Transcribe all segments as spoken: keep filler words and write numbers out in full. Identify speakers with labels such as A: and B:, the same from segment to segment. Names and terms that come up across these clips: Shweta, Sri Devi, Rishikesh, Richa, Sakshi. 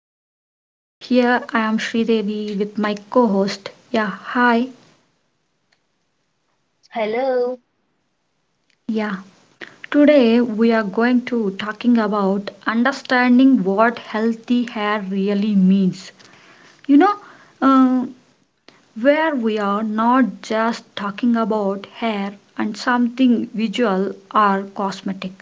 A: broadcast. Here I am Sri Devi with my co-host. Yeah, hi.
B: Hello.
A: Yeah. Today we are going to talking about understanding what healthy hair really means. You know, uh, where we are not just talking about hair and something visual or cosmetic,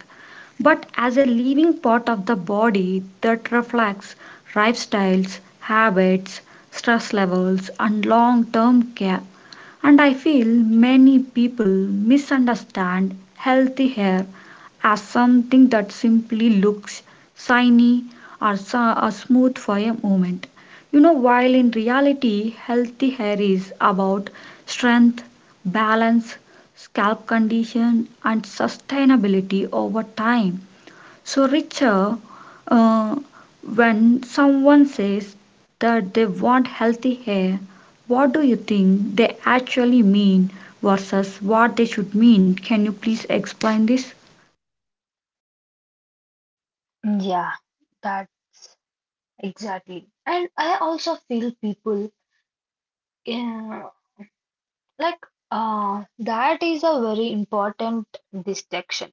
A: but as a living part of the body that reflects lifestyles, habits, stress levels, and long term care. And I feel many people misunderstand healthy hair as something that simply looks shiny or so- or smooth for a moment. You know, while in reality, healthy hair is about strength, balance, scalp condition, and sustainability over time. So, Richa, uh, when someone says that they want healthy hair, what do you think they actually mean versus what they should mean? Can you please explain this?
B: Yeah, that exactly. And I also feel people uh, like uh, that is a very important distinction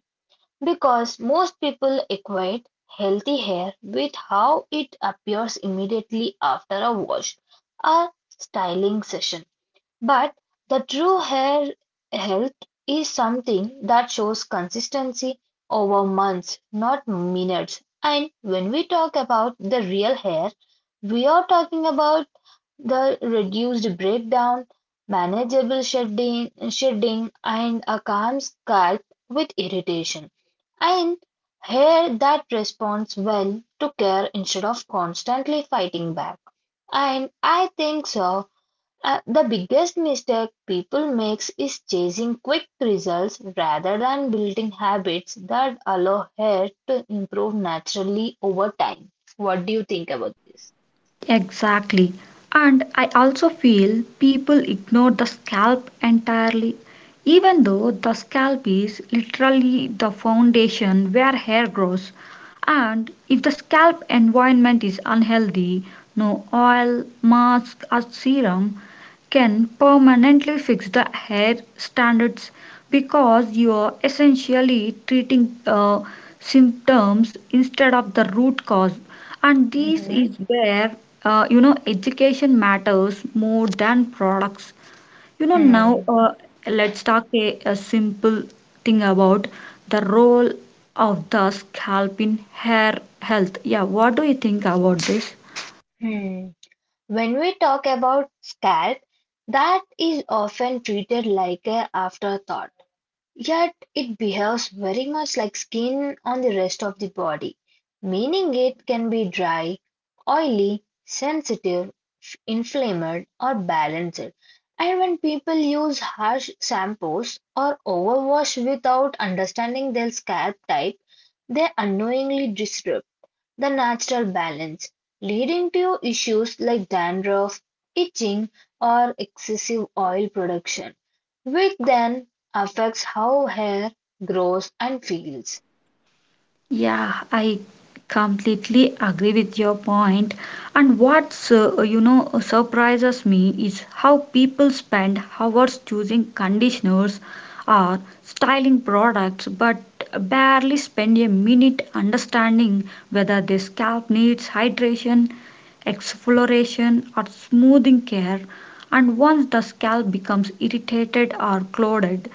B: because most people equate healthy hair with how it appears immediately after a wash or styling session. But the true hair health is something that shows consistency over months, not minutes. And when we talk about the real hair, we are talking about the reduced breakdown, manageable shedding, shedding and a calm scalp with irritation, and hair that responds well to care instead of constantly fighting back. And I think so uh, the biggest mistake people makes is chasing quick results rather than building habits that allow hair to improve naturally over time. What do you think about this?
A: Exactly. And I also feel people ignore the scalp entirely, even though the scalp is literally the foundation where hair grows. And if the scalp environment is unhealthy, no oil, mask, or serum can permanently fix the hair standards, because you are essentially treating uh, symptoms instead of the root cause. And this
B: Mhm.
A: is where uh, you know education matters more than products. you know now
B: Hmm.
A: uh, let's talk a, a simple thing about the role of the scalp in hair health. Yeah, what do you think about this?
B: Hmm. When we talk about scalp, that is often treated like a afterthought. Yet it behaves very much like skin on the rest of the body, meaning it can be dry, oily, sensitive, f- inflamed or balanced. And when people use harsh shampoos or overwash without understanding their scalp type, they unknowingly disrupt the natural balance, leading to issues like dandruff, itching, or excessive oil production, which then affects how hair grows and feels.
A: Yeah, I completely agree with your point. And what's uh, you know uh, surprises me is how people spend hours choosing conditioners or styling products, but barely spend a minute understanding whether their scalp needs hydration, exfoliation, or smoothing care. And once the scalp becomes irritated or clouded,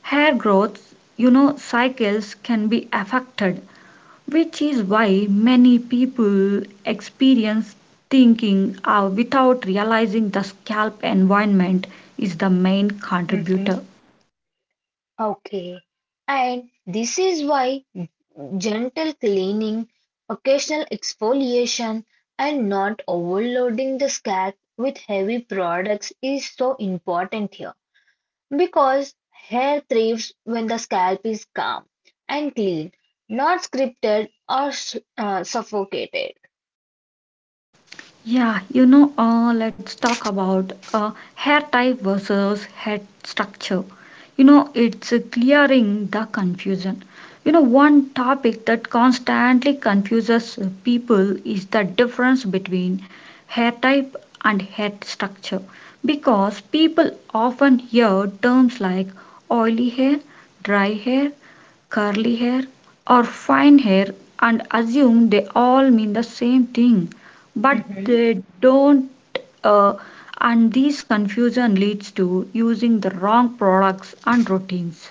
A: hair growth, you know, cycles can be affected, which is why many people experience thinking uh, without realizing the scalp environment is the main
B: Mm-hmm.
A: contributor.
B: Okay, and this is why gentle cleaning, occasional exfoliation, and not overloading the scalp with heavy products is so important here. Because hair thrives when the scalp is calm and clean, not scripted or s- uh, suffocated.
A: Yeah, you know, uh, let's talk about uh, hair type versus head structure. You know, it's uh, clearing the confusion. You know, one topic that constantly confuses uh, people is the difference between hair type and head structure because people often hear terms like oily hair, dry hair, curly hair, or fine hair and assume they all mean the same thing, but they don't. Uh, and this confusion leads to using the wrong products and routines.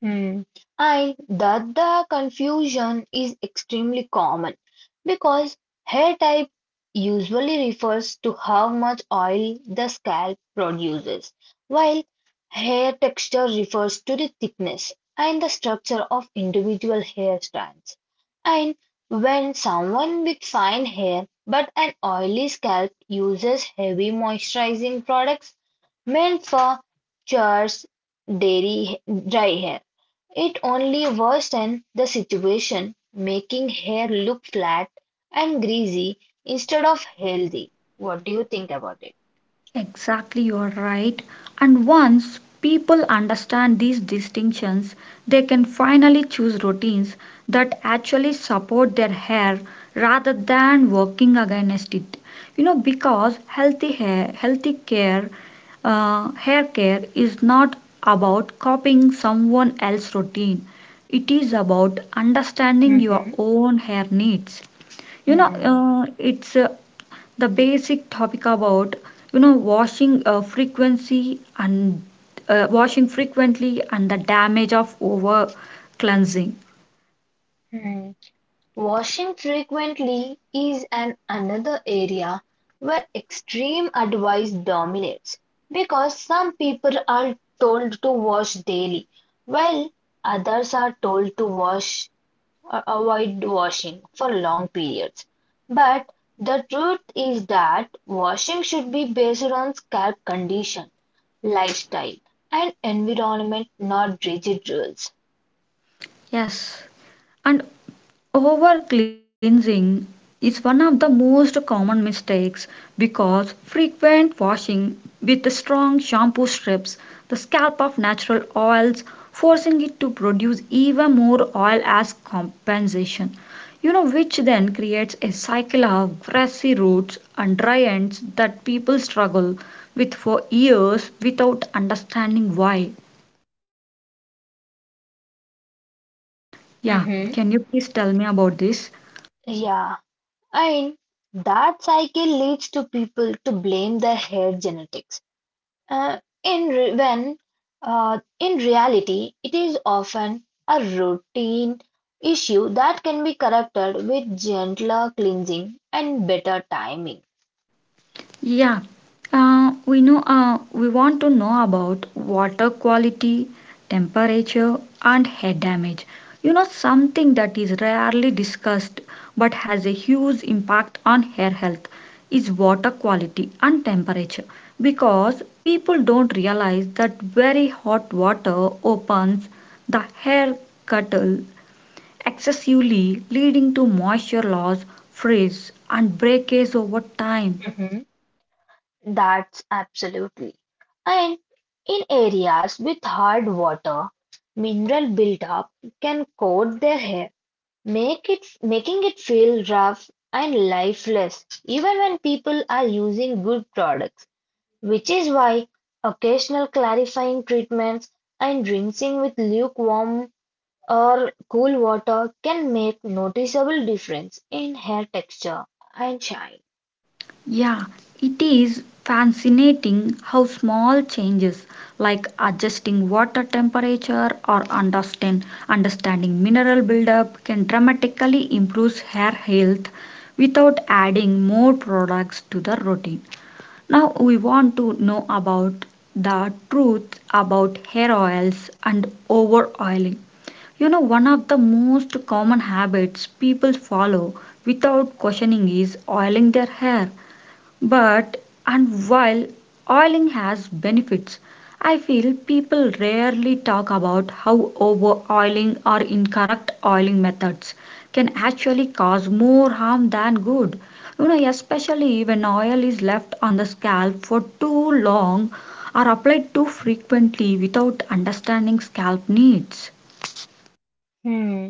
B: Hmm. And that the confusion is extremely common because hair type usually refers to how much oil the scalp produces, while hair texture refers to the thickness and the structure of individual hair strands. And when someone with fine hair but an oily scalp uses heavy moisturizing products meant for chores, dairy, dry hair it only worsened the situation, making hair look flat and greasy instead of healthy. What do you think about it?
A: Exactly, you are right. And once people understand these distinctions, they can finally choose routines that actually support their hair rather than working against it. You know, because healthy hair, healthy care, uh, hair care is not about copying someone else's routine. It is about understanding your
B: Hmm.
A: own hair needs. You know,
B: Hmm.
A: uh, it's uh, the basic topic about you know washing uh, frequency and uh, washing frequently and the damage of over cleansing.
B: Hmm. Washing frequently is an another area where extreme advice dominates because some people are told to wash daily while others are told to wash or avoid washing for long periods. But the truth is that washing should be based on scalp condition, lifestyle, and environment, not rigid rules.
A: Yes, and over cleansing is one of the most common mistakes because frequent washing with strong shampoo strips the scalp of natural oils, forcing it to produce even more oil as compensation. You know, which then creates a cycle of grassy roots and dry ends that people struggle with for years without understanding why. Yeah,
B: Mm-hmm.
A: can you please tell me about this?
B: Yeah, and that cycle leads to people to blame their hair genetics. Uh, in re when uh, In reality, it is often a routine issue that can be corrected with gentler cleansing and better timing.
A: Yeah, uh, we know uh, we want to know about water quality, temperature, and head damage. You know, something that is rarely discussed but has a huge impact on hair health is water quality and temperature because people don't realize that very hot water opens the hair cuttle excessively, leading to moisture loss, frizz, and breakage over time.
B: Hmm. That's absolutely. And in areas with hard water, mineral buildup can coat their hair, make it making it feel rough and lifeless, even when people are using good products. Which is why occasional clarifying treatments and rinsing with lukewarm or cool water can make noticeable difference in hair texture and shine.
A: Yeah, it is fascinating how small changes like adjusting water temperature or understand, understanding mineral buildup can dramatically improve hair health without adding more products to the routine. Now we want to know about the truth about hair oils and over oiling. You know, one of the most common habits people follow without questioning is oiling their hair. But and while oiling has benefits, I feel people rarely talk about how over oiling or incorrect oiling methods can actually cause more harm than good. You know, especially when oil is left on the scalp for too long or applied too frequently without understanding scalp needs.
B: Hmm.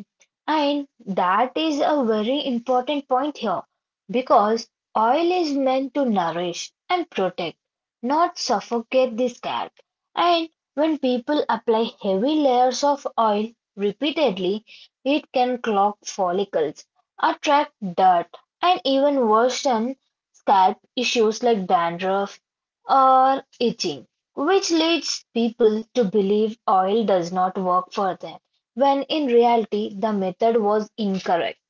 B: And that is a very important point here because oil is meant to nourish and protect, not suffocate the scalp. And when people apply heavy layers of oil repeatedly, it can clog follicles, attract dirt, and even worsen scalp issues like dandruff or itching, which leads people to believe oil does not work for them when in reality the method was incorrect.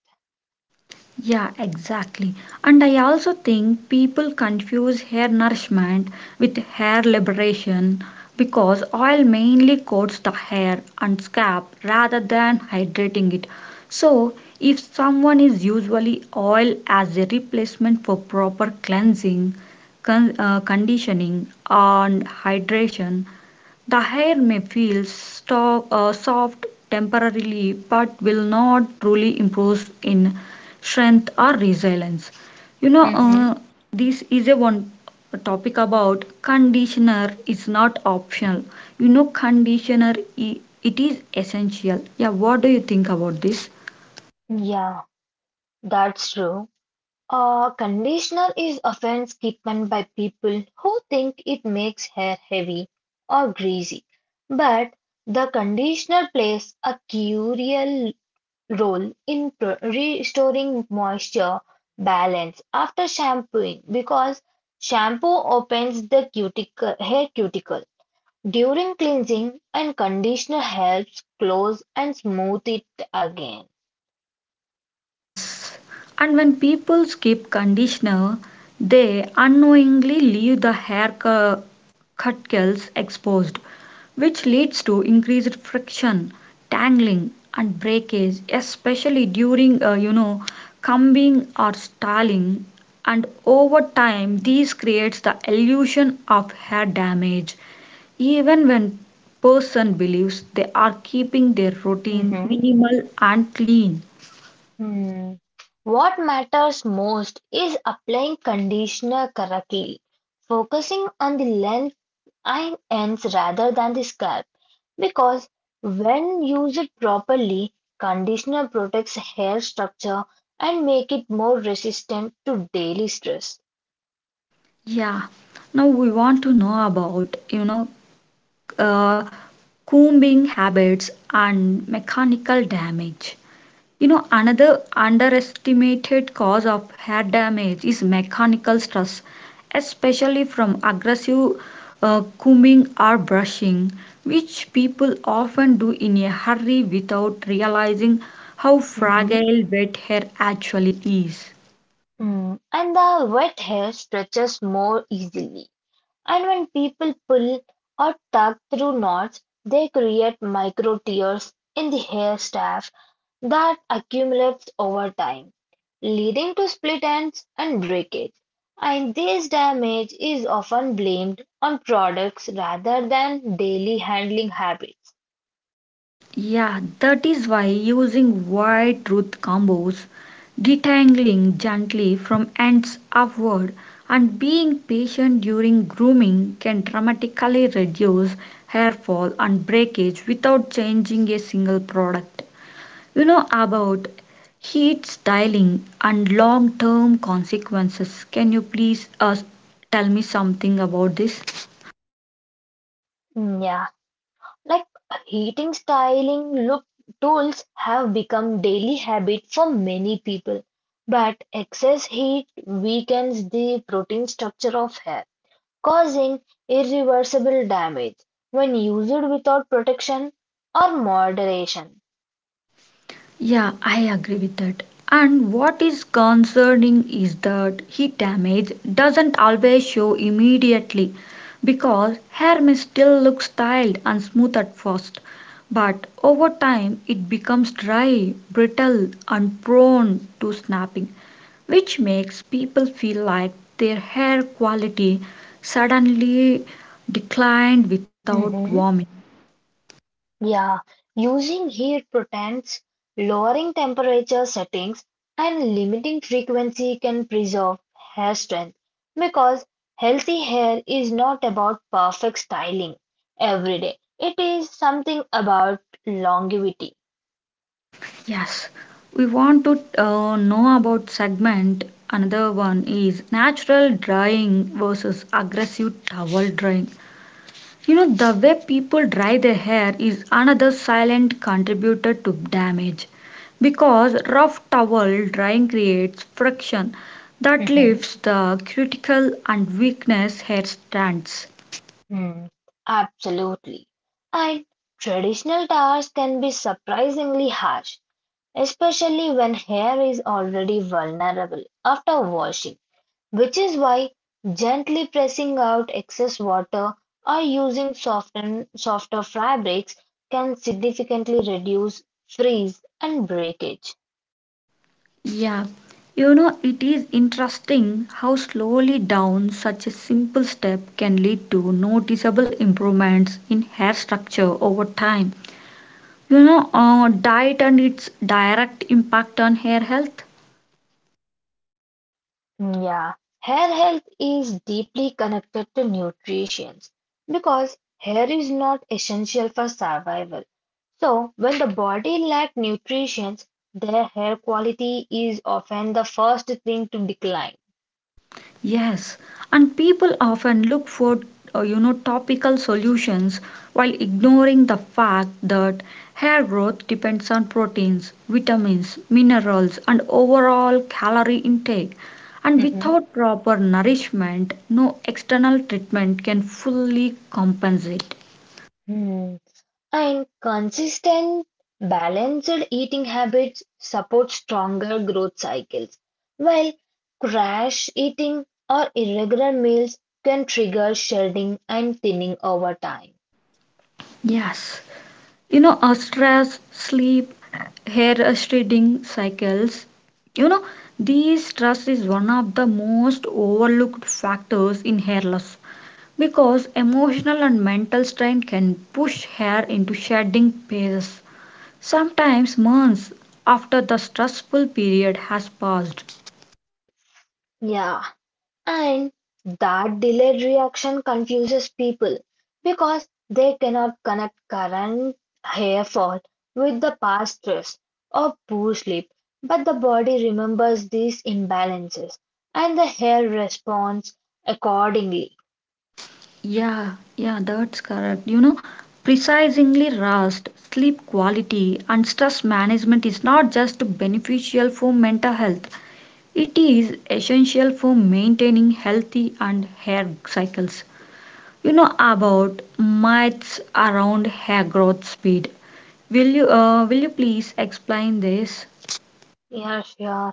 A: Yeah, exactly. And I also think people confuse hair nourishment with hair liberation because oil mainly coats the hair and scalp rather than hydrating it. So, if someone is usually oil as a replacement for proper cleansing, con- uh, conditioning, and hydration, the hair may feel sto- uh, soft temporarily but will not truly improve in strength or resilience. You know,
B: Mm-hmm.
A: uh, this is a one topic about conditioner is not optional. You know, conditioner i- it is essential. Yeah, what do you think about this?
B: Yeah, that's true. A conditioner is often skipped by people who think it makes hair heavy or greasy, but the conditioner plays a crucial role in pro- restoring moisture balance after shampooing because shampoo opens the cuticle, hair cuticle during cleansing, and conditioner helps close and smooth it again.
A: Yes, and when people skip conditioner, they unknowingly leave the hair cu- cuticles exposed, which leads to increased friction, tangling, and breakage, especially during, uh, you know, combing or styling. And over time, this creates the illusion of hair damage, even when person believes they are keeping their routine
B: Mhm.
A: minimal and clean.
B: Hmm. What matters most is applying conditioner correctly, focusing on the length and ends rather than the scalp. Because when used properly, conditioner protects hair structure and make it more resistant to daily stress.
A: Yeah. Now we want to know about, you know, uh, combing habits and mechanical damage. You know, another underestimated cause of hair damage is mechanical stress, especially from aggressive uh, combing or brushing, which people often do in a hurry without realizing how
B: Mhm.
A: fragile wet hair actually is.
B: Mm. And the wet hair stretches more easily. And when people pull or tug through knots, they create micro tears in the hair staff that accumulates over time, leading to split ends and breakage. And this damage is often blamed on products rather than daily handling habits.
A: Yeah, that is why using wide truth combos, detangling gently from ends upward, and being patient during grooming can dramatically reduce hair fall and breakage without changing a single product. You know about heat styling and long term consequences. Can you please uh, tell me something about this?
B: Yeah. Like heating, styling, look tools have become daily habit for many people, but excess heat weakens the protein structure of hair, causing irreversible damage when used without protection or moderation.
A: Yeah, I agree with that. And what is concerning is that heat damage doesn't always show immediately because hair may still look styled and smooth at first, but over time it becomes dry, brittle, and prone to snapping, which makes people feel like their hair quality suddenly declined without warning.
B: Yeah, using heat protects, lowering temperature settings, and limiting frequency can preserve hair strength because healthy hair is not about perfect styling every day. It is something about longevity.
A: Yes, we want to uh, know about segment. Another one is natural drying versus aggressive towel drying. You know, the way people dry their hair is another silent contributor to damage because rough towel drying creates friction that
B: Mhm.
A: leaves the cuticle and weakness hair strands.
B: Hmm. Absolutely. And traditional towers can be surprisingly harsh, especially when hair is already vulnerable after washing, which is why gently pressing out excess water or using soften, softer fabrics can significantly reduce freeze and breakage.
A: Yeah, you know, it is interesting how slowly down such a simple step can lead to noticeable improvements in hair structure over time. You know, uh, diet and its direct impact on hair health.
B: Yeah, hair health is deeply connected to nutrition because hair is not essential for survival. So, when the body lacks nutrition, their hair quality is often the first thing to decline.
A: Yes, and people often look for uh, you know topical solutions while ignoring the fact that hair growth depends on proteins, vitamins, minerals and overall calorie intake. And
B: Mhm.
A: without proper nourishment, no external treatment can fully compensate.
B: Hmm. And consistent, balanced eating habits support stronger growth cycles, while crash eating or irregular meals can trigger shedding and thinning over time.
A: Yes. You know uh, stress, sleep, hair shedding cycles. you know these stress is one of the most overlooked factors in hair loss because emotional and mental strain can push hair into shedding phases sometimes months after the stressful period has passed.
B: Yeah. And that delayed reaction confuses people because they cannot connect current hair fall with the past stress or poor sleep. But the body remembers these imbalances and the hair responds accordingly.
A: Yeah, yeah, that's correct. you know Precisely rest, sleep quality, and stress management is not just beneficial for mental health. It is essential for maintaining healthy and hair cycles. You know about myths around hair growth speed. Will you uh, will you please explain this?
B: Yes, yeah.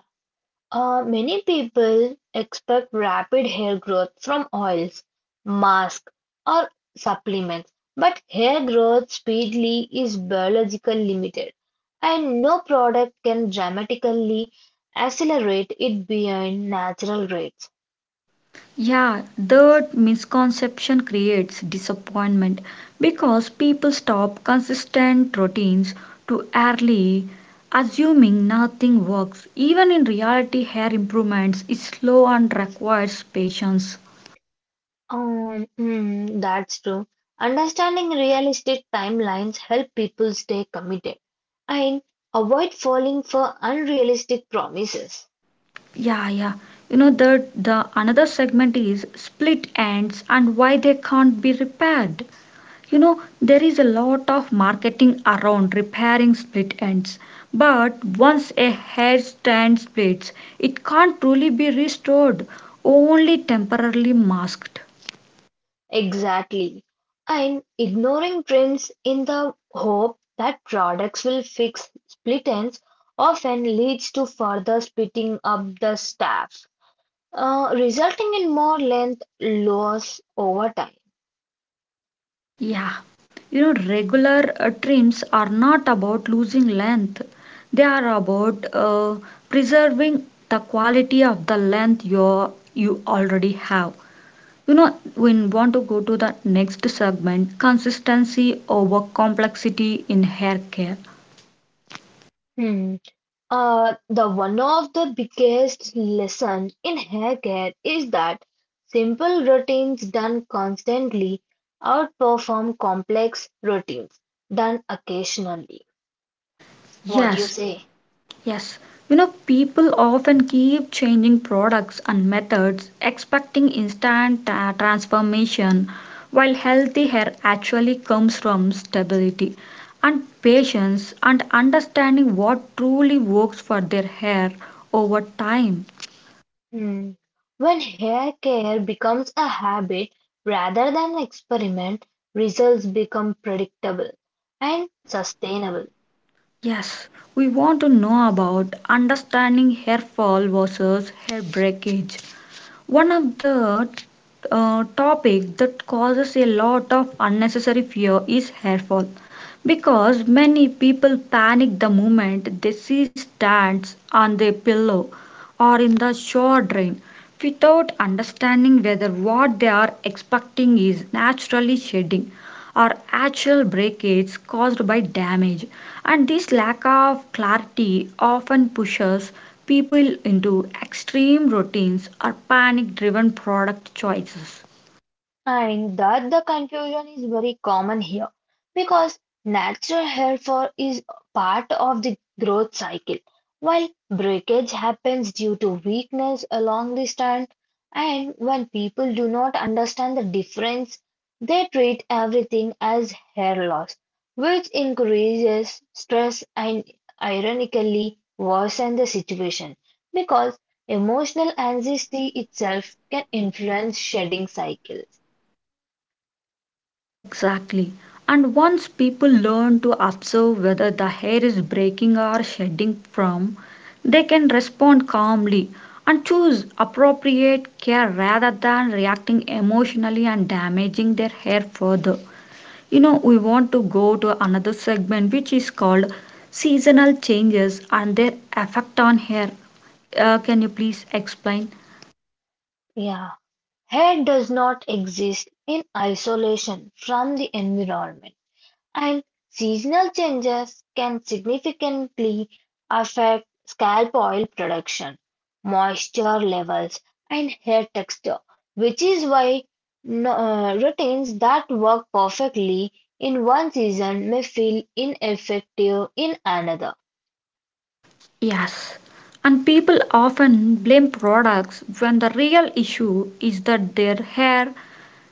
B: Uh, many people expect rapid hair growth from oils, masks, or supplements, but hair growth speedily is biologically limited, and no product can dramatically accelerate it beyond natural rates.
A: Yeah, that misconception creates disappointment because people stop consistent routines too early, assuming nothing works. Even in reality, hair improvements is slow and requires patience.
B: Um, mm, that's true. Understanding realistic timelines help people stay committed and avoid falling for unrealistic promises.
A: Yeah, yeah. You know the the another segment is split ends and why they can't be repaired. You know there is a lot of marketing around repairing split ends, but once a hairstrand splits, it can't truly be restored, only temporarily masked.
B: Exactly. And ignoring trends in the hope that products will fix split ends often leads to further splitting up the staff, uh, resulting in more length loss over time.
A: Yeah, you know, regular uh, trims are not about losing length, they are about uh, preserving the quality of the length you you already have. You know, we want to go to the next segment consistency over complexity in hair care.
B: Hmm. Uh, the one of the biggest lessons in hair care is that simple routines done constantly outperform complex routines done occasionally. What do you
A: Yes,
B: say?
A: yes, you know, people often keep changing products and methods, expecting instant uh, transformation, while healthy hair actually comes from stability and patience and understanding what truly works for their hair over time.
B: Hmm. When hair care becomes a habit rather than an experiment, results become predictable and sustainable.
A: Yes, we want to know about understanding hair fall versus hair breakage. One of the uh, topic that causes a lot of unnecessary fear is hair fall because many people panic the moment they see strands on their pillow or in the shower drain without understanding whether what they are expecting is naturally shedding or actual breakages caused by damage, and this lack of clarity often pushes people into extreme routines or panic driven product choices.
B: And that the confusion is very common here because natural hair fall is part of the growth cycle, while breakage happens due to weakness along the strand. And when people do not understand the difference, they treat everything as hair loss, which increases stress and ironically worsen the situation because emotional anxiety itself can influence shedding cycles.
A: Exactly, and once people learn to observe whether the hair is breaking or shedding from, they can respond calmly and choose appropriate care rather than reacting emotionally and damaging their hair further. You know, we want to go to another segment which is called seasonal changes and their effect on hair. Uh, can you please explain?
B: Yeah, hair does not exist in isolation from the environment, and seasonal changes can significantly affect scalp oil production, moisture levels, and hair texture, which is why no- uh, routines that work perfectly in one season may feel ineffective in another.
A: Yes, and people often blame products when the real issue is that their hair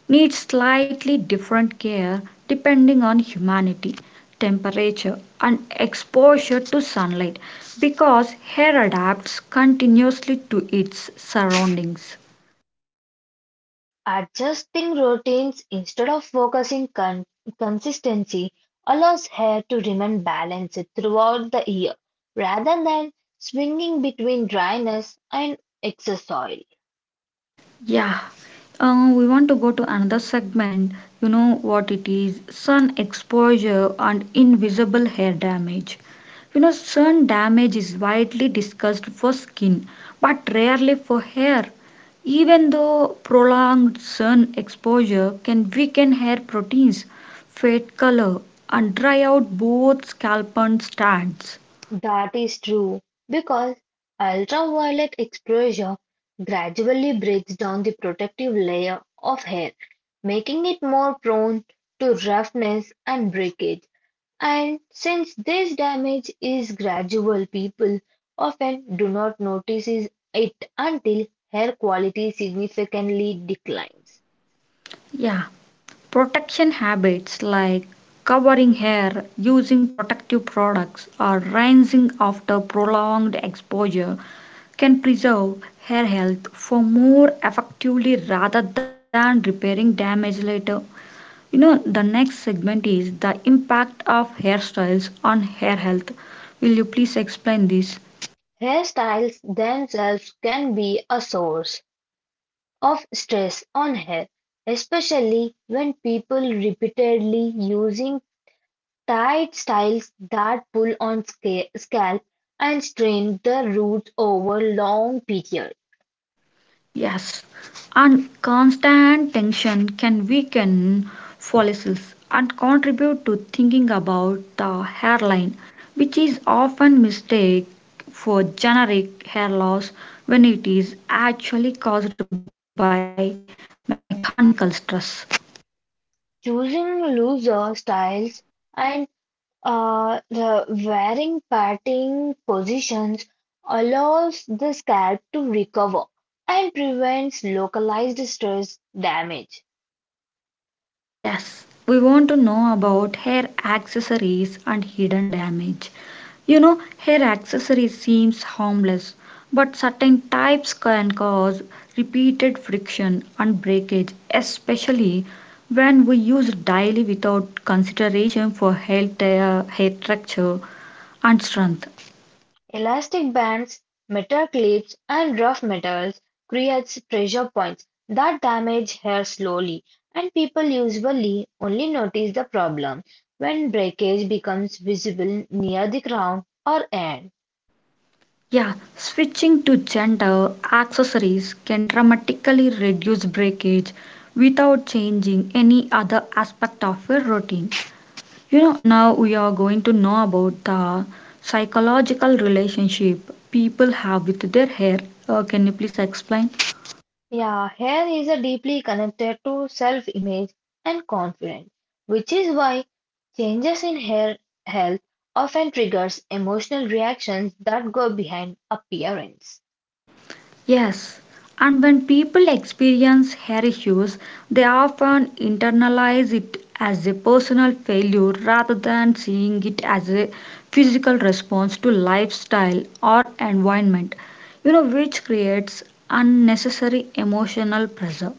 A: needs slightly different care depending on humidity, temperature and exposure to sunlight because hair adapts continuously to its surroundings.
B: Adjusting routines instead of focusing con- consistency allows hair to remain balanced throughout the year rather than swinging between dryness and excess oil.
A: Yeah, um, we want to go to another segment. You know what it is sun exposure and invisible hair damage. You know, sun damage is widely discussed for skin but rarely for hair. Even though prolonged sun exposure can weaken hair proteins, fade color, and dry out both scalp and strands.
B: That is true because ultraviolet exposure gradually breaks down the protective layer of hair, making it more prone to roughness and breakage. And since this damage is gradual, people often do not notice it until hair quality significantly declines.
A: Yeah, protection habits like covering hair, using protective products, or rinsing after prolonged exposure can preserve hair health for more effectively rather than repairing damage later. You know, the next segment is the impact of hairstyles on hair health. Will you please explain this?
B: Hairstyles themselves can be a source of stress on hair, especially when people repeatedly using tight styles that pull on sca- scalp and strain the roots over long periods.
A: Yes, and constant tension can weaken follicles and contribute to thinking about the hairline, which is often mistaken for generic hair loss when it is actually caused by mechanical stress.
B: Choosing looser styles and Uh, the varying parting positions allows the scalp to recover and prevents localized stress damage.
A: Yes, we want to know about hair accessories and hidden damage. You know, hair accessories seems harmless, but certain types can cause repeated friction and breakage, especially when we use daily without consideration for health, uh, hair structure and strength.
B: Elastic bands, metal clips, and rough metals creates pressure points that damage hair slowly, and people usually only notice the problem when breakage becomes visible near the crown or end.
A: Yeah, switching to gender accessories can dramatically reduce breakage without changing any other aspect of your routine. You know, now we are going to know about the psychological relationship people have with their hair. Uh, can you please explain?
B: Yeah, hair is a deeply connected to self-image and confidence, which is why changes in hair health often triggers emotional reactions that go behind appearance.
A: Yes, and when people experience hair issues, they often internalize it as a personal failure rather than seeing it as a physical response to lifestyle or environment, you know, which creates unnecessary emotional pressure.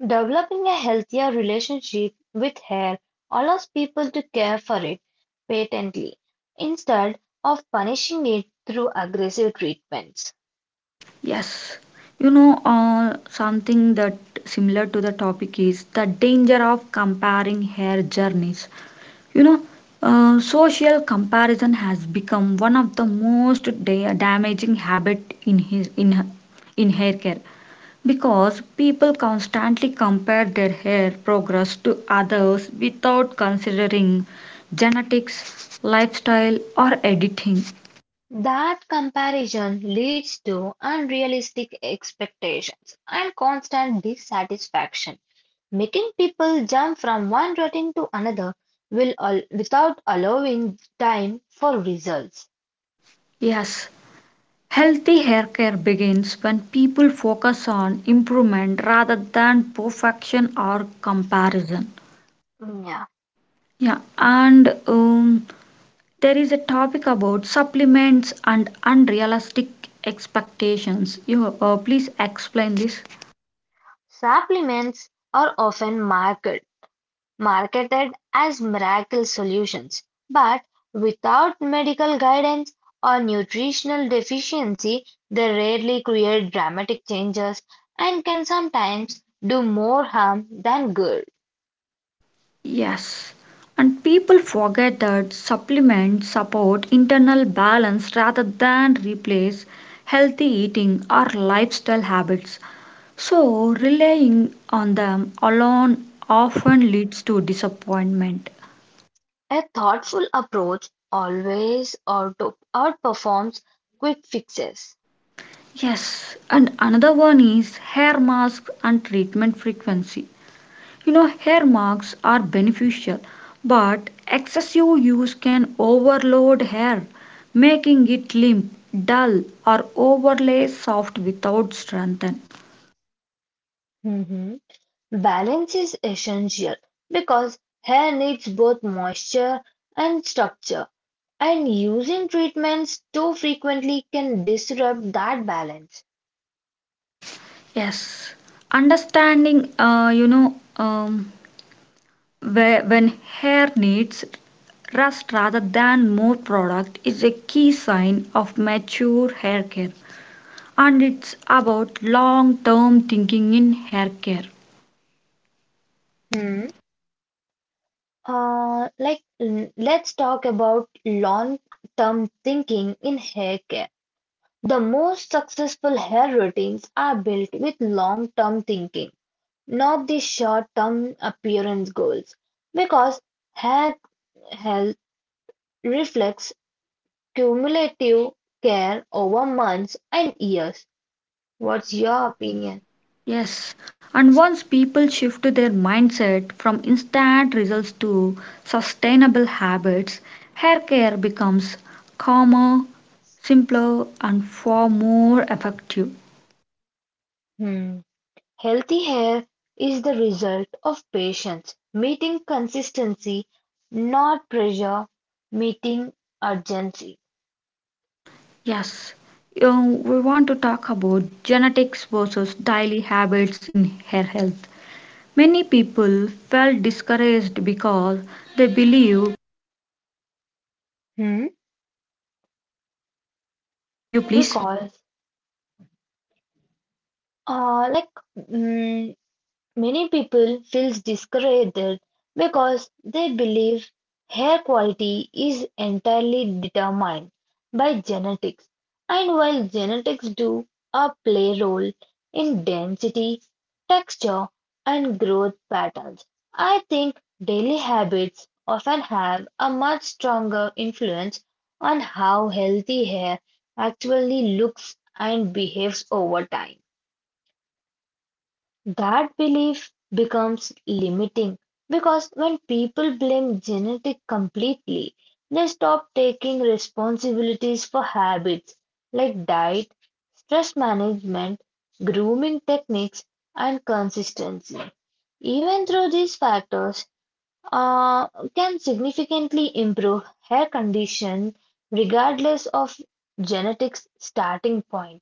B: Developing a healthier relationship with hair allows people to care for it patiently, instead of punishing it through aggressive treatments.
A: Yes, you know, uh, something that similar to the topic is the danger of comparing hair journeys. You know, uh, Social comparison has become one of the most da- damaging habit in his in her- in hair care because people constantly compare their hair progress to others without considering genetics, lifestyle, or editing.
B: That comparison leads to unrealistic expectations and constant dissatisfaction, making people jump from one routine to another will al- without allowing time for results.
A: Yes, healthy hair care begins when people focus on improvement rather than perfection or comparison.
B: Yeah.
A: Yeah, and um, there is a topic about supplements and unrealistic expectations. You uh, please explain this.
B: Supplements are often marked marketed as miracle solutions, but without medical guidance or nutritional deficiency, they rarely create dramatic changes and can sometimes do more harm than good.
A: Yes, and people forget that supplements support internal balance rather than replace healthy eating or lifestyle habits. So, relying on them alone often leads to disappointment.
B: A thoughtful approach always auto- outperforms quick fixes.
A: Yes, and another one is hair mask and treatment frequency. You know, hair marks are beneficial, but excessive use can overload hair, making it limp, dull, or overly soft without strengthen.
B: Hmm. Balance is essential because hair needs both moisture and structure. And using treatments too frequently can disrupt that balance.
A: Yes, understanding, uh, you know, um, where, when hair needs rest rather than more product is a key sign of mature hair care, and it's about long term thinking in hair care.
B: Hmm. Uh, like, l- let's talk about long-term thinking in hair care. The most successful hair routines are built with long-term thinking, not the short-term appearance goals, because hair health reflects cumulative care over months and years. What's your opinion?
A: Yes, and once people shift their mindset from instant results to sustainable habits, hair care becomes calmer, simpler, and far more effective.
B: Hmm. Healthy hair is the result of patience, meeting consistency, not pressure, meeting urgency.
A: Yes, uh, we want to talk about genetics versus daily habits in hair health. Many people felt discouraged because they believe.
B: Hmm?
A: Yeah, continue, please.
B: Because, uh, like, mm, many people feel discouraged because they believe hair quality is entirely determined by genetics and while genetics do a play role in density, texture and growth patterns, I think daily habits often have a much stronger influence on how healthy hair actually looks and behaves over time. That belief becomes limiting because when people blame genetics completely, they stop taking responsibilities for habits like diet, stress management, grooming techniques, and consistency. Even though these factors uh, can significantly improve hair condition regardless of genetics starting point.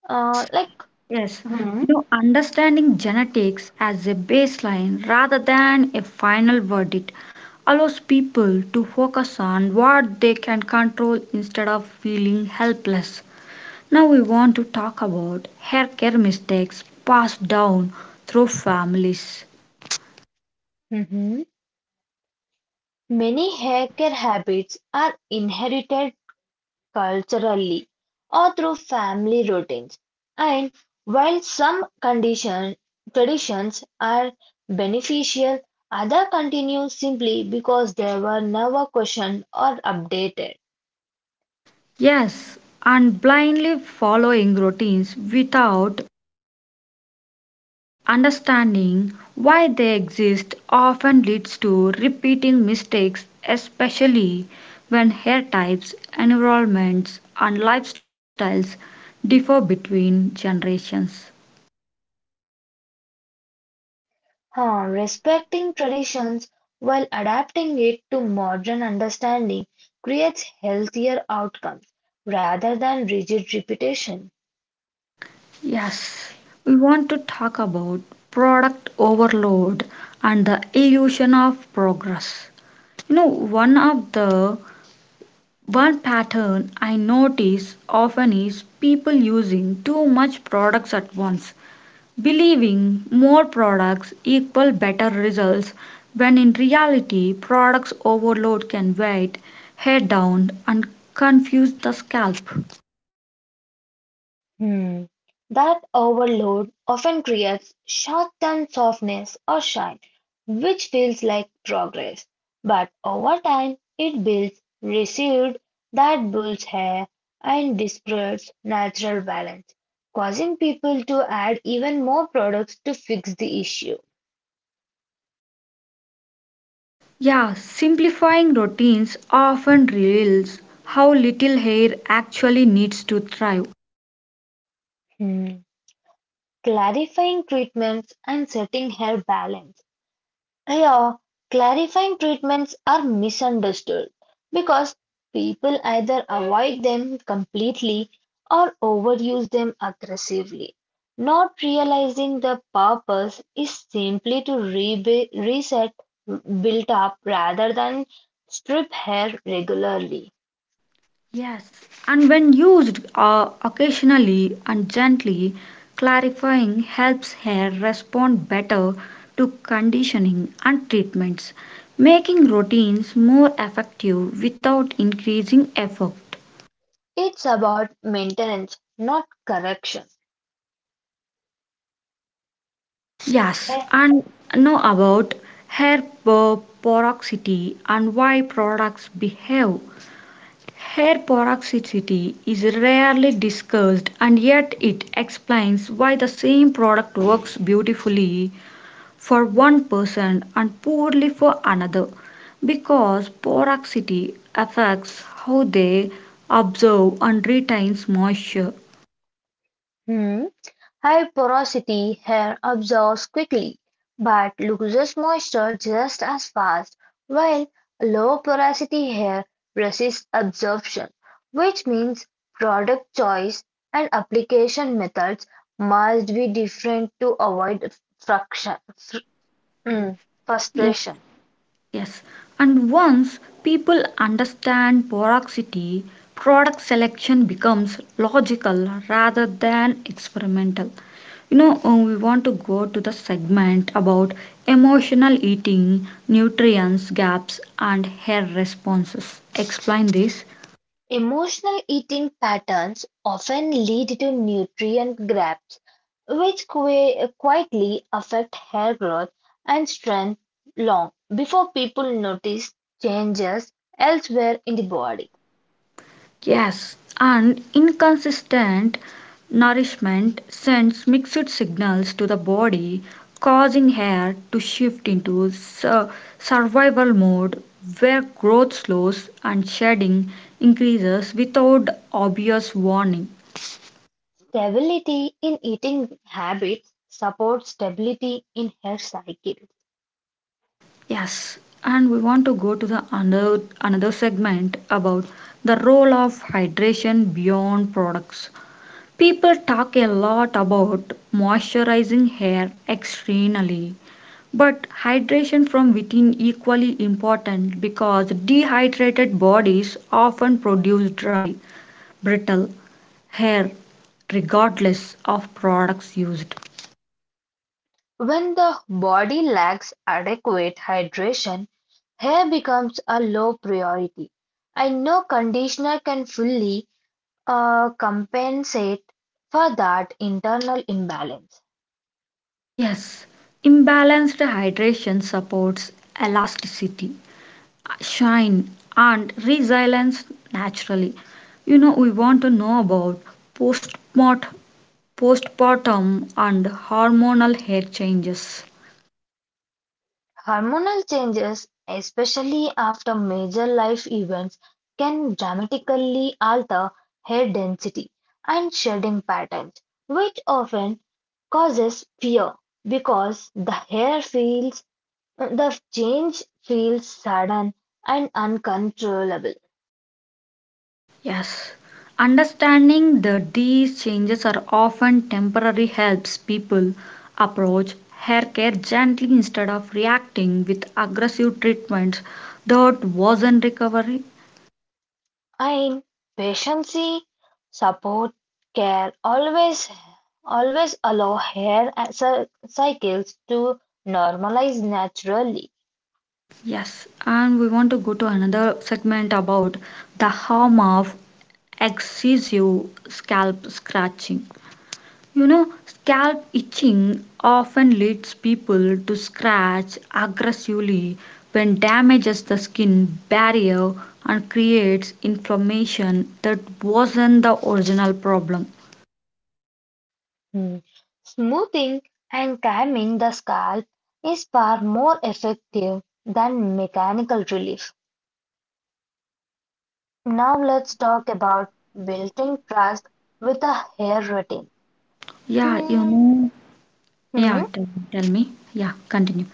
A: Yes.
B: Uh, like,
A: Yes, you
B: Mhm.
A: know, understanding genetics as a baseline rather than a final verdict allows people to focus on what they can control instead of feeling helpless. Now, we want to talk about haircare mistakes passed down through families.
B: Mhm. Many
A: Yeah,
B: haircare habits are inherited culturally or through family routines, and while some condition, traditions are beneficial, others continue simply because they were never questioned or updated.
A: yes, and blindly following routines without understanding why they exist often leads to repeating mistakes, especially when hair types, environments, and lifestyles differ between generations.
B: Huh, respecting traditions while adapting it to modern understanding creates healthier outcomes rather than rigid repetition.
A: Yes, we want to talk about product overload and the illusion of progress. You know, one of the one pattern I notice often is people using too much products at once believing more products equal better results when in reality products overload can weigh head down and confuse the scalp.
B: Hmm. That overload often creates short-term softness or shy, which feels like progress. But over time, it builds residue that builds hair and distorts natural balance, causing people to add even more products to fix the issue.
A: Yeah, simplifying routines often reveals how little hair actually needs to thrive.
B: Hmm. Clarifying treatments and setting hair balance. Here, clarifying treatments are misunderstood because people either avoid them completely or overuse them aggressively. Not realizing the purpose is simply to rebe- reset built up rather than strip hair regularly.
A: Yes, and when used uh, occasionally and gently, clarifying helps hair respond better to conditioning and treatments, making routines more effective without increasing effort.
B: It's about maintenance, not correction.
A: Yes,
B: Heh.
A: and know about hair po- porosity and why products behave. Hair peroxidicity is rarely discussed and yet it explains why the same product works beautifully for one person and poorly for another because peroxidity affects how they absorb and retains moisture.
B: Hmm. High porosity hair absorbs quickly, but loses moisture just as fast, while low porosity hair resists absorption, which means product choice and application methods must be different to avoid fruction- fr- mm,
A: Yeah.
B: frustration.
A: Yes, and once people understand porosity, product selection becomes logical rather than experimental. You know, uh, we want to go to the segment about emotional eating, nutrients gaps, and hair responses. Explain this.
B: Emotional eating patterns often lead to nutrient gaps, which qui- quietly affect hair growth and strength long before people notice changes elsewhere in the body.
A: Yes, and inconsistent nourishment sends mixed signals to the body, causing hair to shift into su- survival mode where growth slows and shedding increases without obvious warning.
B: Stability in eating habits supports stability in hair cycle.
A: Yes, and we want to go to the another, another segment about the role of hydration beyond products. People talk a lot about moisturizing hair externally, but hydration from within equally important because dehydrated bodies often produce dry, brittle hair regardless of products used.
B: When the body lacks adequate hydration, hair becomes a low priority, and no conditioner can fully uh, compensate for that internal imbalance.
A: Yes, imbalanced hydration supports elasticity, shine and resilience naturally. You know we want to know about postmort postpartum and hormonal hair changes.
B: Hormonal changes, especially after major life events, can dramatically alter hair density and shedding patterns, which often causes fear because the hair feels the change feels sudden and uncontrollable.
A: Yes, understanding that these changes are often temporary helps people approach hair care gently instead of reacting with aggressive treatments that wasn't recovery.
B: In pregnancy support care always always allow hair cy- cycles to normalize naturally.
A: Yes, and we want to go to another segment about the harm of excessive scalp scratching. You know, scalp itching often leads people to scratch aggressively when damages the skin barrier and creates inflammation that wasn't the original problem.
B: Mm. Smoothing and calming the scalp is far more effective than mechanical relief. Now let's talk about building trust with a hair routine.
A: Yeah, you
B: Hmm.
A: know. Yeah,
B: Hmm.
A: tell, tell me. Yeah, continue.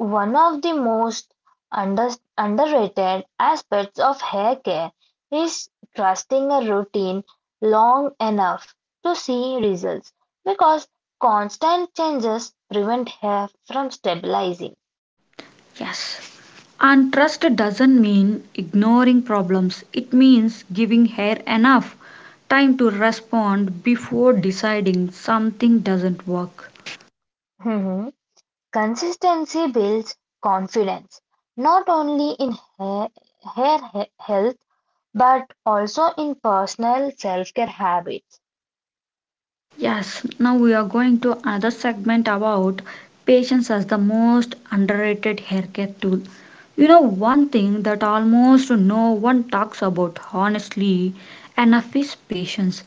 B: One of the most under- underrated aspects of hair care is trusting a routine long enough to see results because constant changes prevent hair from stabilizing.
A: Yes. And trust doesn't mean ignoring problems, it means giving hair enough time to respond before deciding something doesn't work.
B: Mhm. Consistency builds confidence not only in hair, hair he- health but also in personal self care habits.
A: Yes, now we are going to another segment about patience as the most underrated haircare tool. You know, one thing that almost no one talks about, honestly, enough is patience.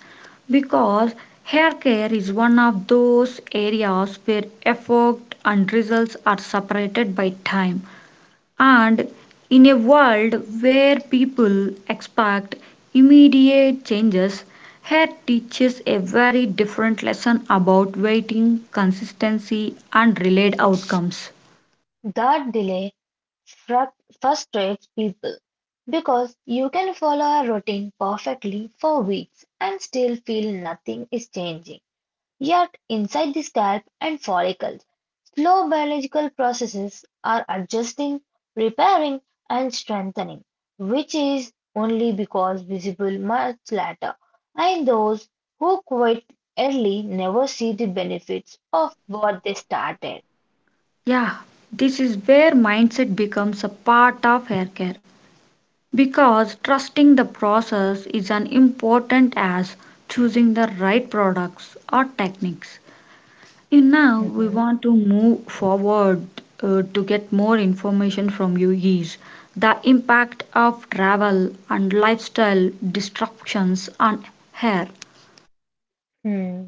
A: Because hair care is one of those areas where effort and results are separated by time. And in a world where people expect immediate changes, hair teaches a very different lesson about waiting, consistency, and delayed outcomes.
B: That delay fru- frustrates people because you can follow a routine perfectly for weeks and still feel nothing is changing. Yet, inside the scalp and follicles, slow biological processes are adjusting, repairing, and strengthening, which is only because visible much later. And those who quit early never see the benefits of what they started.
A: Yeah, this is where mindset becomes a part of hair care because trusting the process is as important as choosing the right products or techniques. And now we
B: Hmm.
A: want to move forward uh, to get more information from you is the impact of travel and lifestyle disruptions on hair.
B: Hmm.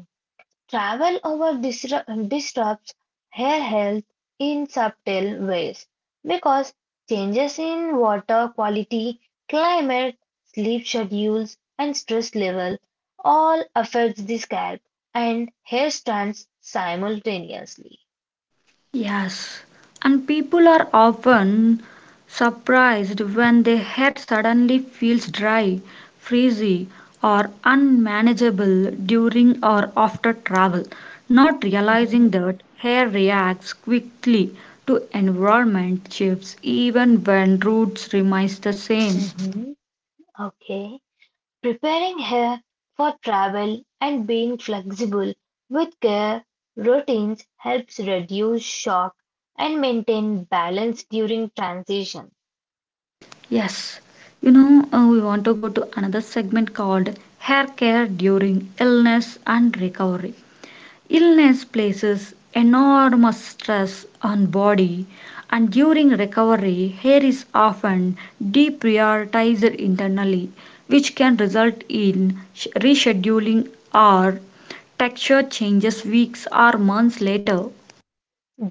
B: Travel over disru- disrupts hair health in subtle ways because changes in water quality, climate, sleep schedules, and stress level all affects the scalp and hair strands simultaneously.
A: Yes, and people are often surprised when their hair suddenly feels dry, frizzy, or unmanageable during or after travel, not realizing
B: Mhm,
A: that hair reacts quickly to environment shifts even when roots remain the same.
B: mhm. Okay. Preparing her for travel and being flexible with care routines helps reduce shock and maintain balance during transition.
A: Yes, you know, uh, we want to go to another segment called hair care during illness and recovery. Illness places enormous stress on body and during recovery hair is often deprioritized internally which can result in sh- rescheduling or texture changes weeks or months later.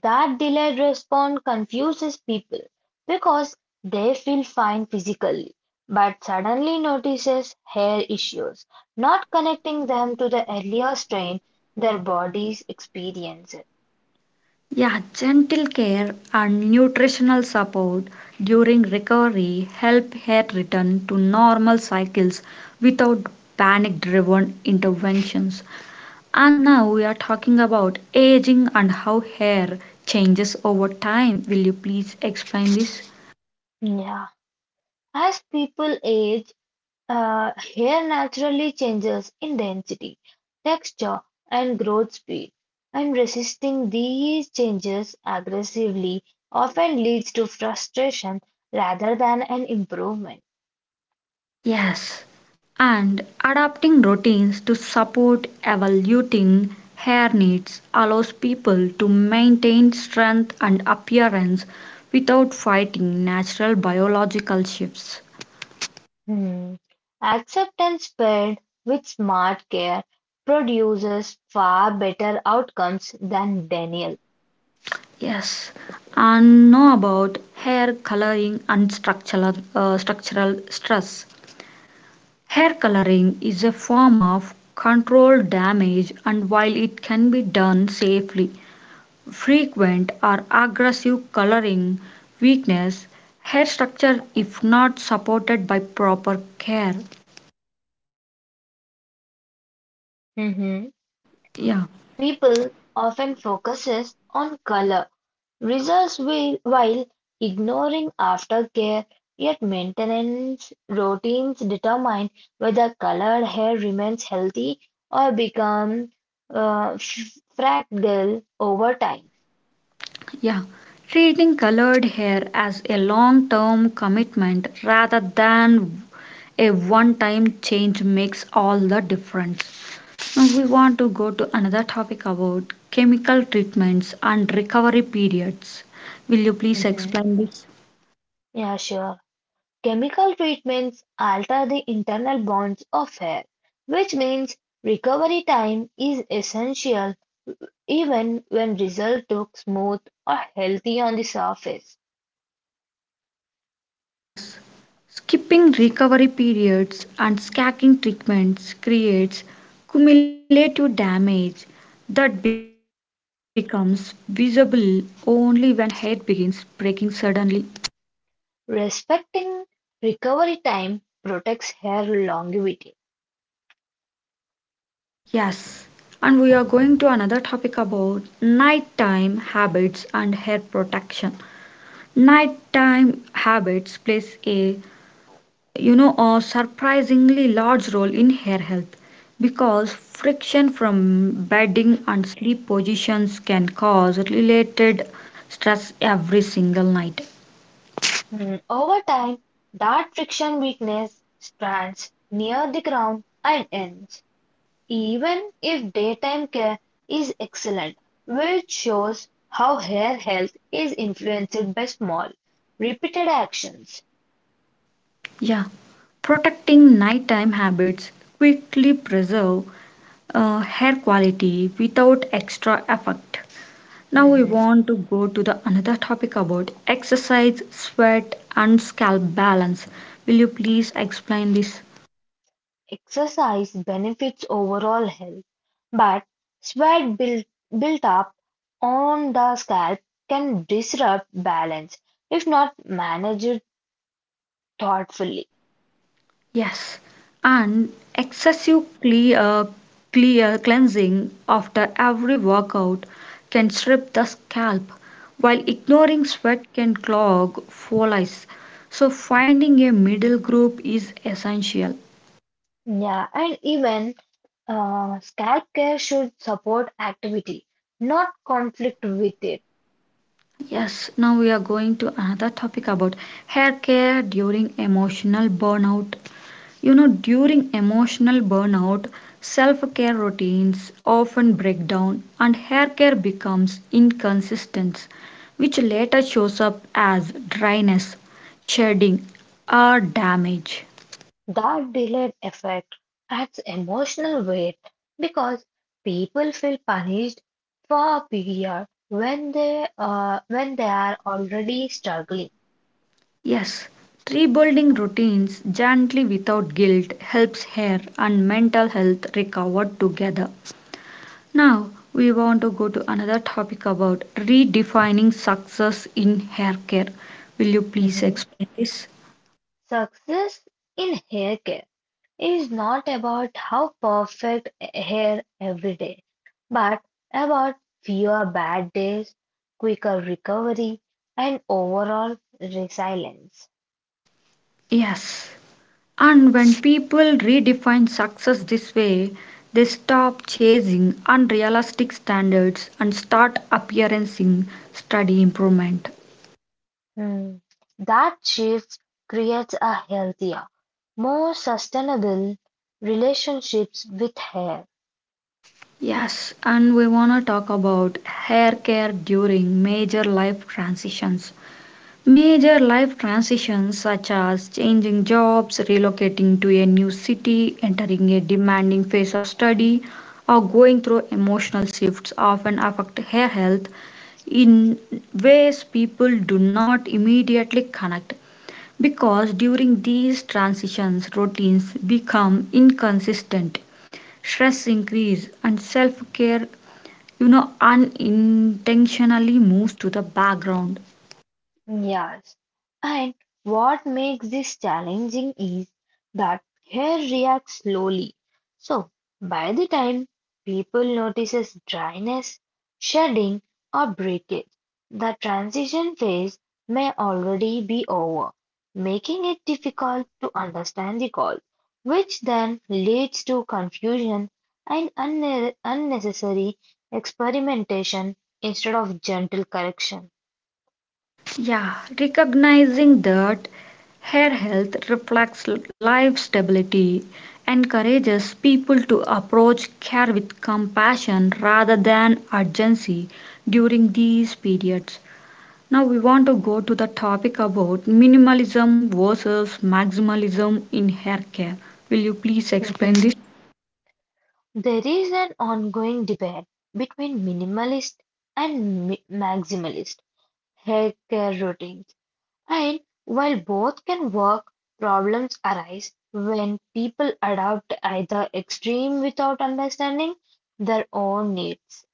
B: That delayed response confuses people because they feel fine physically but suddenly notices hair issues, not connecting them to the earlier strain their bodies experienced.
A: Yeah, gentle care and nutritional support during recovery help hair return to normal cycles without panic driven interventions. And now we are talking about aging and how hair changes over time. Will you please explain this?
B: Yeah. As people age, Uh, hair naturally changes in density, texture, and growth speed, and resisting these changes aggressively often leads to frustration rather than an improvement.
A: Yes. And adapting routines to support evolving hair needs allows people to maintain strength and appearance without fighting natural biological shifts.
B: Hmm. Acceptance paired with smart care produces far better outcomes than denial.
A: Yes, and know about hair coloring and structural uh, structural stress. Hair coloring is a form of controlled damage and while it can be done safely, frequent or aggressive coloring weakness hair structure if not supported by proper care.
B: Mhm.
A: Yeah,
B: People often focuses on color results will, while ignoring aftercare, yet maintenance routines determine whether colored hair remains healthy or becomes uh, f- fragile over time.
A: yeah. Treating colored hair as a long term commitment rather than a one time change makes all the difference. Now we want to go to another topic about chemical treatments and recovery periods. Will you please
B: Hmm.
A: explain this?
B: Yeah, sure. Chemical treatments alter the internal bonds of hair, which means recovery time is essential even when result look smooth or healthy on the surface.
A: Yes. Skipping recovery periods and sacking treatments creates cumulative damage that becomes visible only when hair begins breaking suddenly.
B: Respecting recovery time protects hair longevity.
A: Yes. And we are going to another topic about nighttime habits and hair protection. Nighttime habits plays a you know, a surprisingly large role in hair health because friction from bedding and sleep positions can cause related stress every single night.
B: Mm. Over time, that friction weakness strands near the crown and ends, even if daytime care is excellent, which shows how hair health is influenced by small, repeated actions.
A: Yeah, protecting nighttime habits quickly preserve uh, hair quality without extra effort. Now we want to go to the another topic about exercise, sweat, and scalp balance. Will you please explain this?
B: Exercise benefits overall health, but sweat built, built up on the scalp can disrupt balance if not managed thoughtfully.
A: Yes, and excessive cle- uh, cle- uh, cleansing after every workout can strip the scalp, while ignoring sweat can clog follicles. So, finding a middle group is essential.
B: Yeah, and even uh, scalp care should support activity, not conflict with it.
A: Yes, now we are going to another topic about hair care during emotional burnout. You know, during emotional burnout, self care routines often break down and hair care becomes inconsistent, which later shows up as dryness, shedding, or damage.
B: That delayed effect adds emotional weight because people feel punished far bigger when they uh, when they are already struggling.
A: Yes, rebuilding routines gently without guilt helps hair and mental health recover together. Now, we want to go to another topic about redefining success in hair care. Will you please
B: Mhm.
A: explain this?
B: Success in hair care is not about how perfect hair every day, but about fewer bad days, quicker recovery, and overall resilience.
A: Yes. And when people redefine success this way, they stop chasing unrealistic standards and start appearing study improvement.
B: Hmm. That shift creates a healthier, more sustainable relationships with hair.
A: Yes, and we want to talk about hair care during major life transitions. Major life transitions such as changing jobs, relocating to a new city, entering a demanding phase of study, or going through emotional shifts often affect hair health in ways people do not immediately connect. Because during these transitions, routines become inconsistent, stress increase, and self care, you know, unintentionally moves to the background.
B: Yes. And what makes this challenging is that hair reacts slowly. So by the time people notices dryness, shedding or breakage, the transition phase may already be over, making it difficult to understand the cause, which then leads to confusion and unne- unnecessary experimentation instead of gentle correction.
A: Yeah, recognizing that hair health reflects life stability encourages people to approach care with compassion rather than urgency during these periods. Now, we want to go to the topic about minimalism versus maximalism in hair care. Will you please explain this?
B: There is an ongoing debate between minimalist and mi- maximalist haircare routines, and while both can work, problems arise when people adopt to either extreme without understanding their own needs.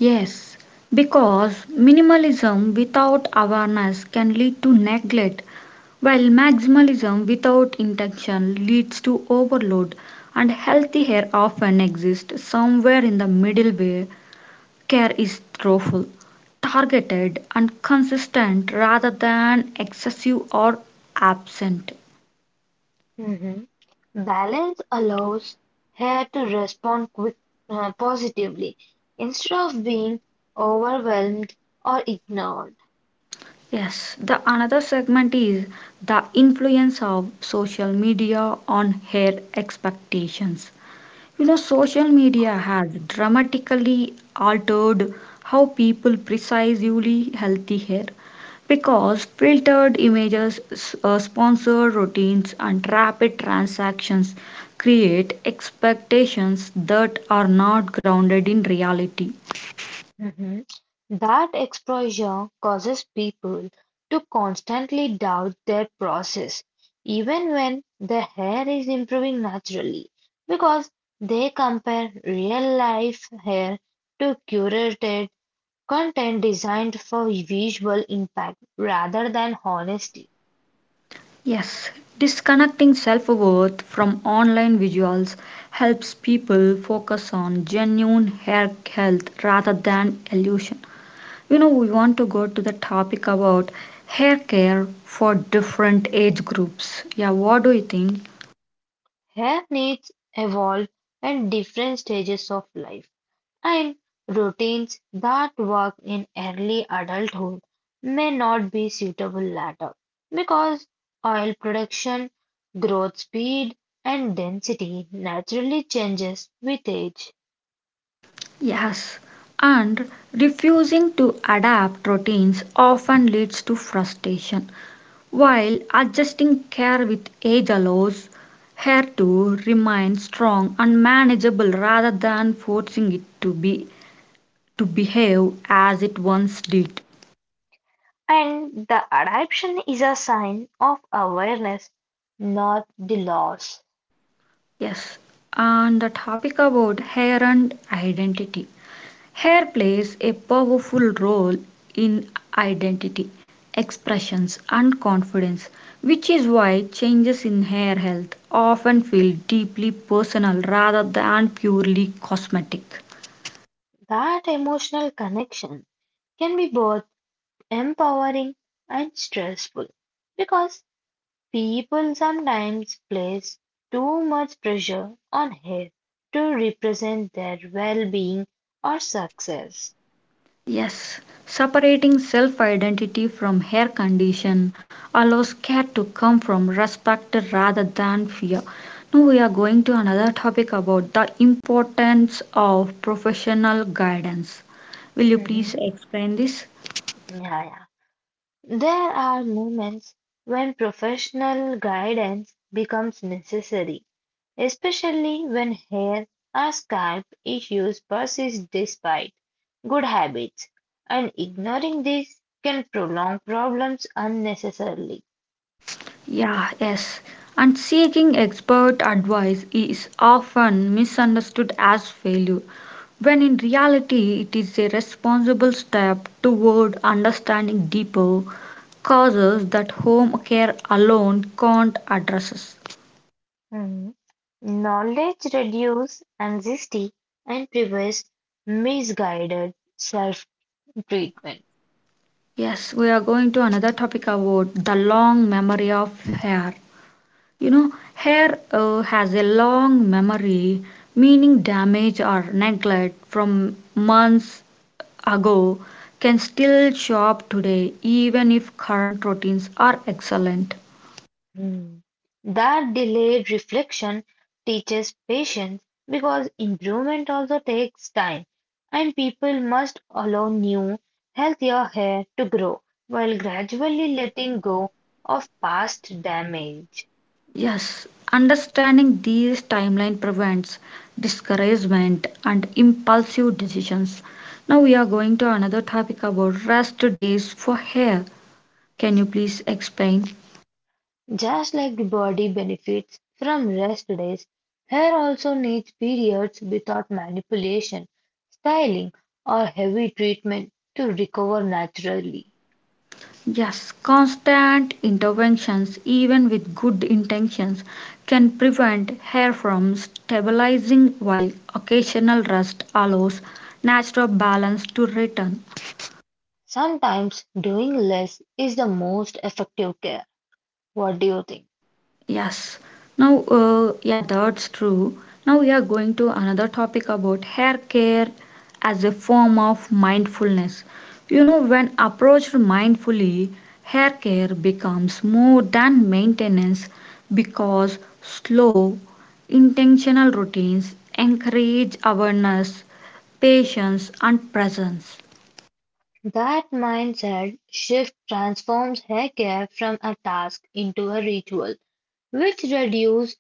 A: Yes, because minimalism without awareness can lead to neglect, while maximalism without intention leads to overload, and healthy hair often exists somewhere in the middle where care is thoughtful, targeted, and consistent rather than excessive or absent.
B: Mhm. Balance allows hair to respond quick, uh, positively instead of being overwhelmed or ignored.
A: Yes, the another segment is the influence of social media on hair expectations. You know, social media has dramatically altered how people precisely healthy hair because filtered images, s- uh, sponsored routines, and rapid transactions create expectations that are not grounded in reality.
B: Mhm. That exposure causes people to constantly doubt their process, even when their hair is improving naturally, because they compare real life hair to curated content designed for visual impact rather than honesty.
A: Yes, disconnecting self worth from online visuals helps people focus on genuine hair health rather than illusion. You know, we want to go to the topic about hair care for different age groups. Yeah, what do you think?
B: Hair needs evolve at different stages of life, and routines that work in early adulthood may not be suitable later because oil production, growth speed, and density naturally changes with age.
A: Yes, and refusing to adapt routines often leads to frustration while adjusting care with age allows hair to remain strong and manageable rather than forcing it to be to behave as it once did.
B: And the adaptation is a sign of awareness, not the loss.
A: Yes, and the topic about hair and identity. Hair plays a powerful role in identity, expressions, and confidence, which is why changes in hair health often feel deeply personal rather than purely cosmetic.
B: That emotional connection can be both empowering and stressful because people sometimes place too much pressure on hair to represent their well-being or success.
A: Yes, separating self identity from hair condition allows care to come from respect rather than fear. Now we are going to another topic about the importance of professional guidance. Will you please
B: Mhm.
A: explain this?
B: Yeah, yeah. There are moments when professional guidance becomes necessary, especially when hair or scalp issues persist despite good habits, and ignoring these can prolong problems unnecessarily.
A: Yeah, yes. And seeking expert advice is often misunderstood as failure, when in reality, it is a responsible step toward understanding deeper causes that home care alone can't address.
B: Mhm. Knowledge reduces anxiety and prevents misguided self-treatment.
A: Yes, we are going to another topic about the long memory of hair. You know, hair uh, has a long memory, meaning damage or neglect from months ago can still show up today, even if current routines are excellent.
B: Mm. That delayed reflection teaches patience because improvement also takes time, and people must allow new, healthier hair to grow while gradually letting go of past damage.
A: Yes, understanding these timeline prevents discouragement and impulsive decisions. Now we are going to another topic about rest days for hair. Can you please explain?
B: Just like the body benefits from rest days, hair also needs periods without manipulation, styling, or heavy treatment to recover naturally.
A: Yes, constant interventions, even with good intentions, can prevent hair from stabilizing while occasional rest allows natural balance to return.
B: Sometimes doing less is the most effective care. What do you think?
A: Yes. Now, uh, yeah, that's true. Now we are going to another topic about hair care as a form of mindfulness. You know, when approached mindfully, hair care becomes more than maintenance because slow, intentional routines encourage awareness, patience, and presence.
B: That mindset shift transforms hair care from a task into a ritual which reduces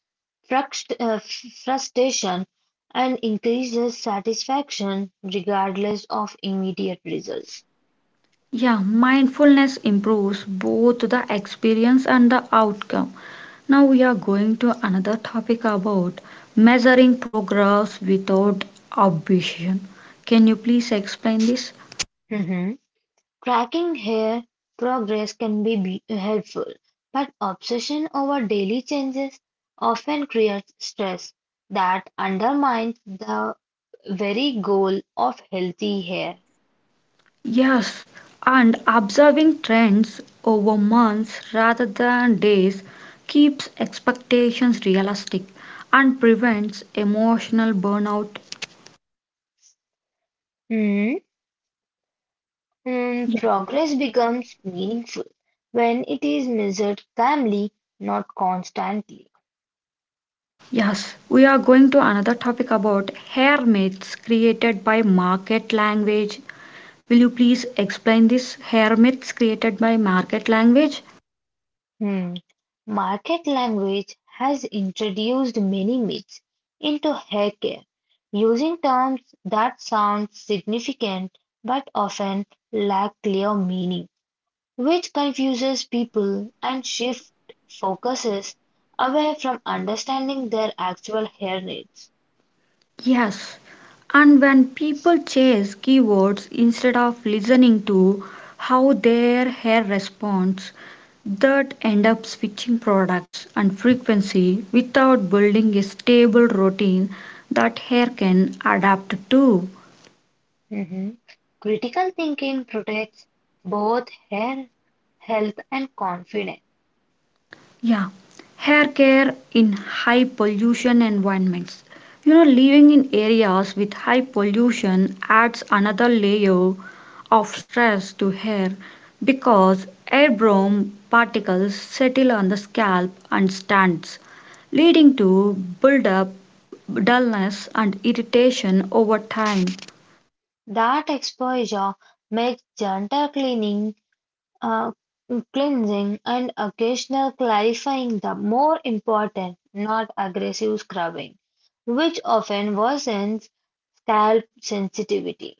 B: frust- uh, frustration and increases satisfaction regardless of immediate results.
A: Yeah, mindfulness improves both the experience and the outcome. Now we are going to another topic about measuring progress without ambition. Can you please explain this?
B: Hmm. Tracking hair progress can be be- uh, helpful, but obsession over daily changes often creates stress that undermines the very goal of healthy hair.
A: Yes, and observing trends over months rather than days keeps expectations realistic and prevents emotional burnout.
B: Hmm. Mm, progress becomes meaningful when it is measured calmly, not constantly.
A: Yes, we are going to another topic about hair myths created by market language. Will you please explain this hair myths created by market language?
B: Hmm. Market language has introduced many myths into haircare, using terms that sound significant but often lack clear meaning, which confuses people and shift focuses away from understanding their actual hair needs.
A: Yes, and when people chase keywords instead of listening to how their hair responds, that end up switching products and frequency without building a stable routine that hair can adapt to.
B: Mhm. Critical thinking protects both hair health and confidence.
A: Yeah, hair care in high pollution environments. You know, living in areas with high pollution adds another layer of stress to hair because airborne particles settle on the scalp and stands, leading to buildup, dullness, and irritation over time.
B: That exposure makes gentle cleaning, uh, cleansing, and occasional clarifying the more important, not aggressive scrubbing, which often worsens scalp sensitivity.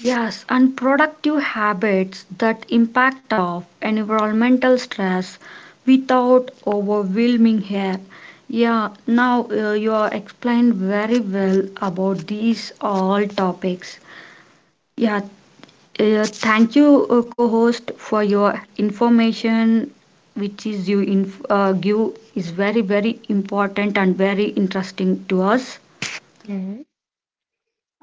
A: Yes, and productive habits that impact of environmental stress without overwhelming here. Yeah, now uh, you are explained very well about these all topics. Yeah, uh, thank you, uh, co-host, for your information, which is you inf- uh, give is very very important and very interesting to us.
B: Mhm.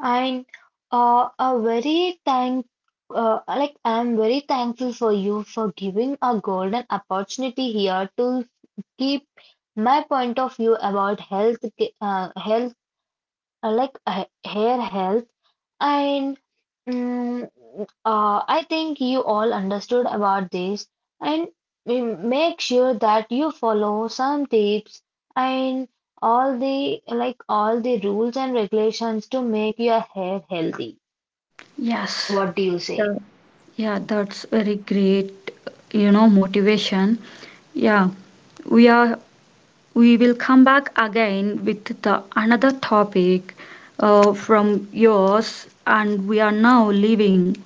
B: And uh, a very thank, uh, like I'm very thankful for you for giving a golden opportunity here to keep my point of view about health ca- uh, health uh, like uh, hair health and mm, uh, I think you all understood about this and mm, make sure that you follow some tips and all the like all the rules and regulations to make your hair healthy.
A: Yes.
B: What do you say?
A: Yeah, that's very great, you know, motivation. Yeah, we are we will come back again with the another topic uh, from yours and we are now leaving,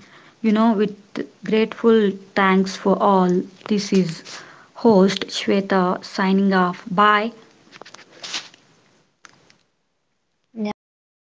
A: you know, with grateful thanks for all. This is host Shweta signing off. Bye.
B: Yeah, bye.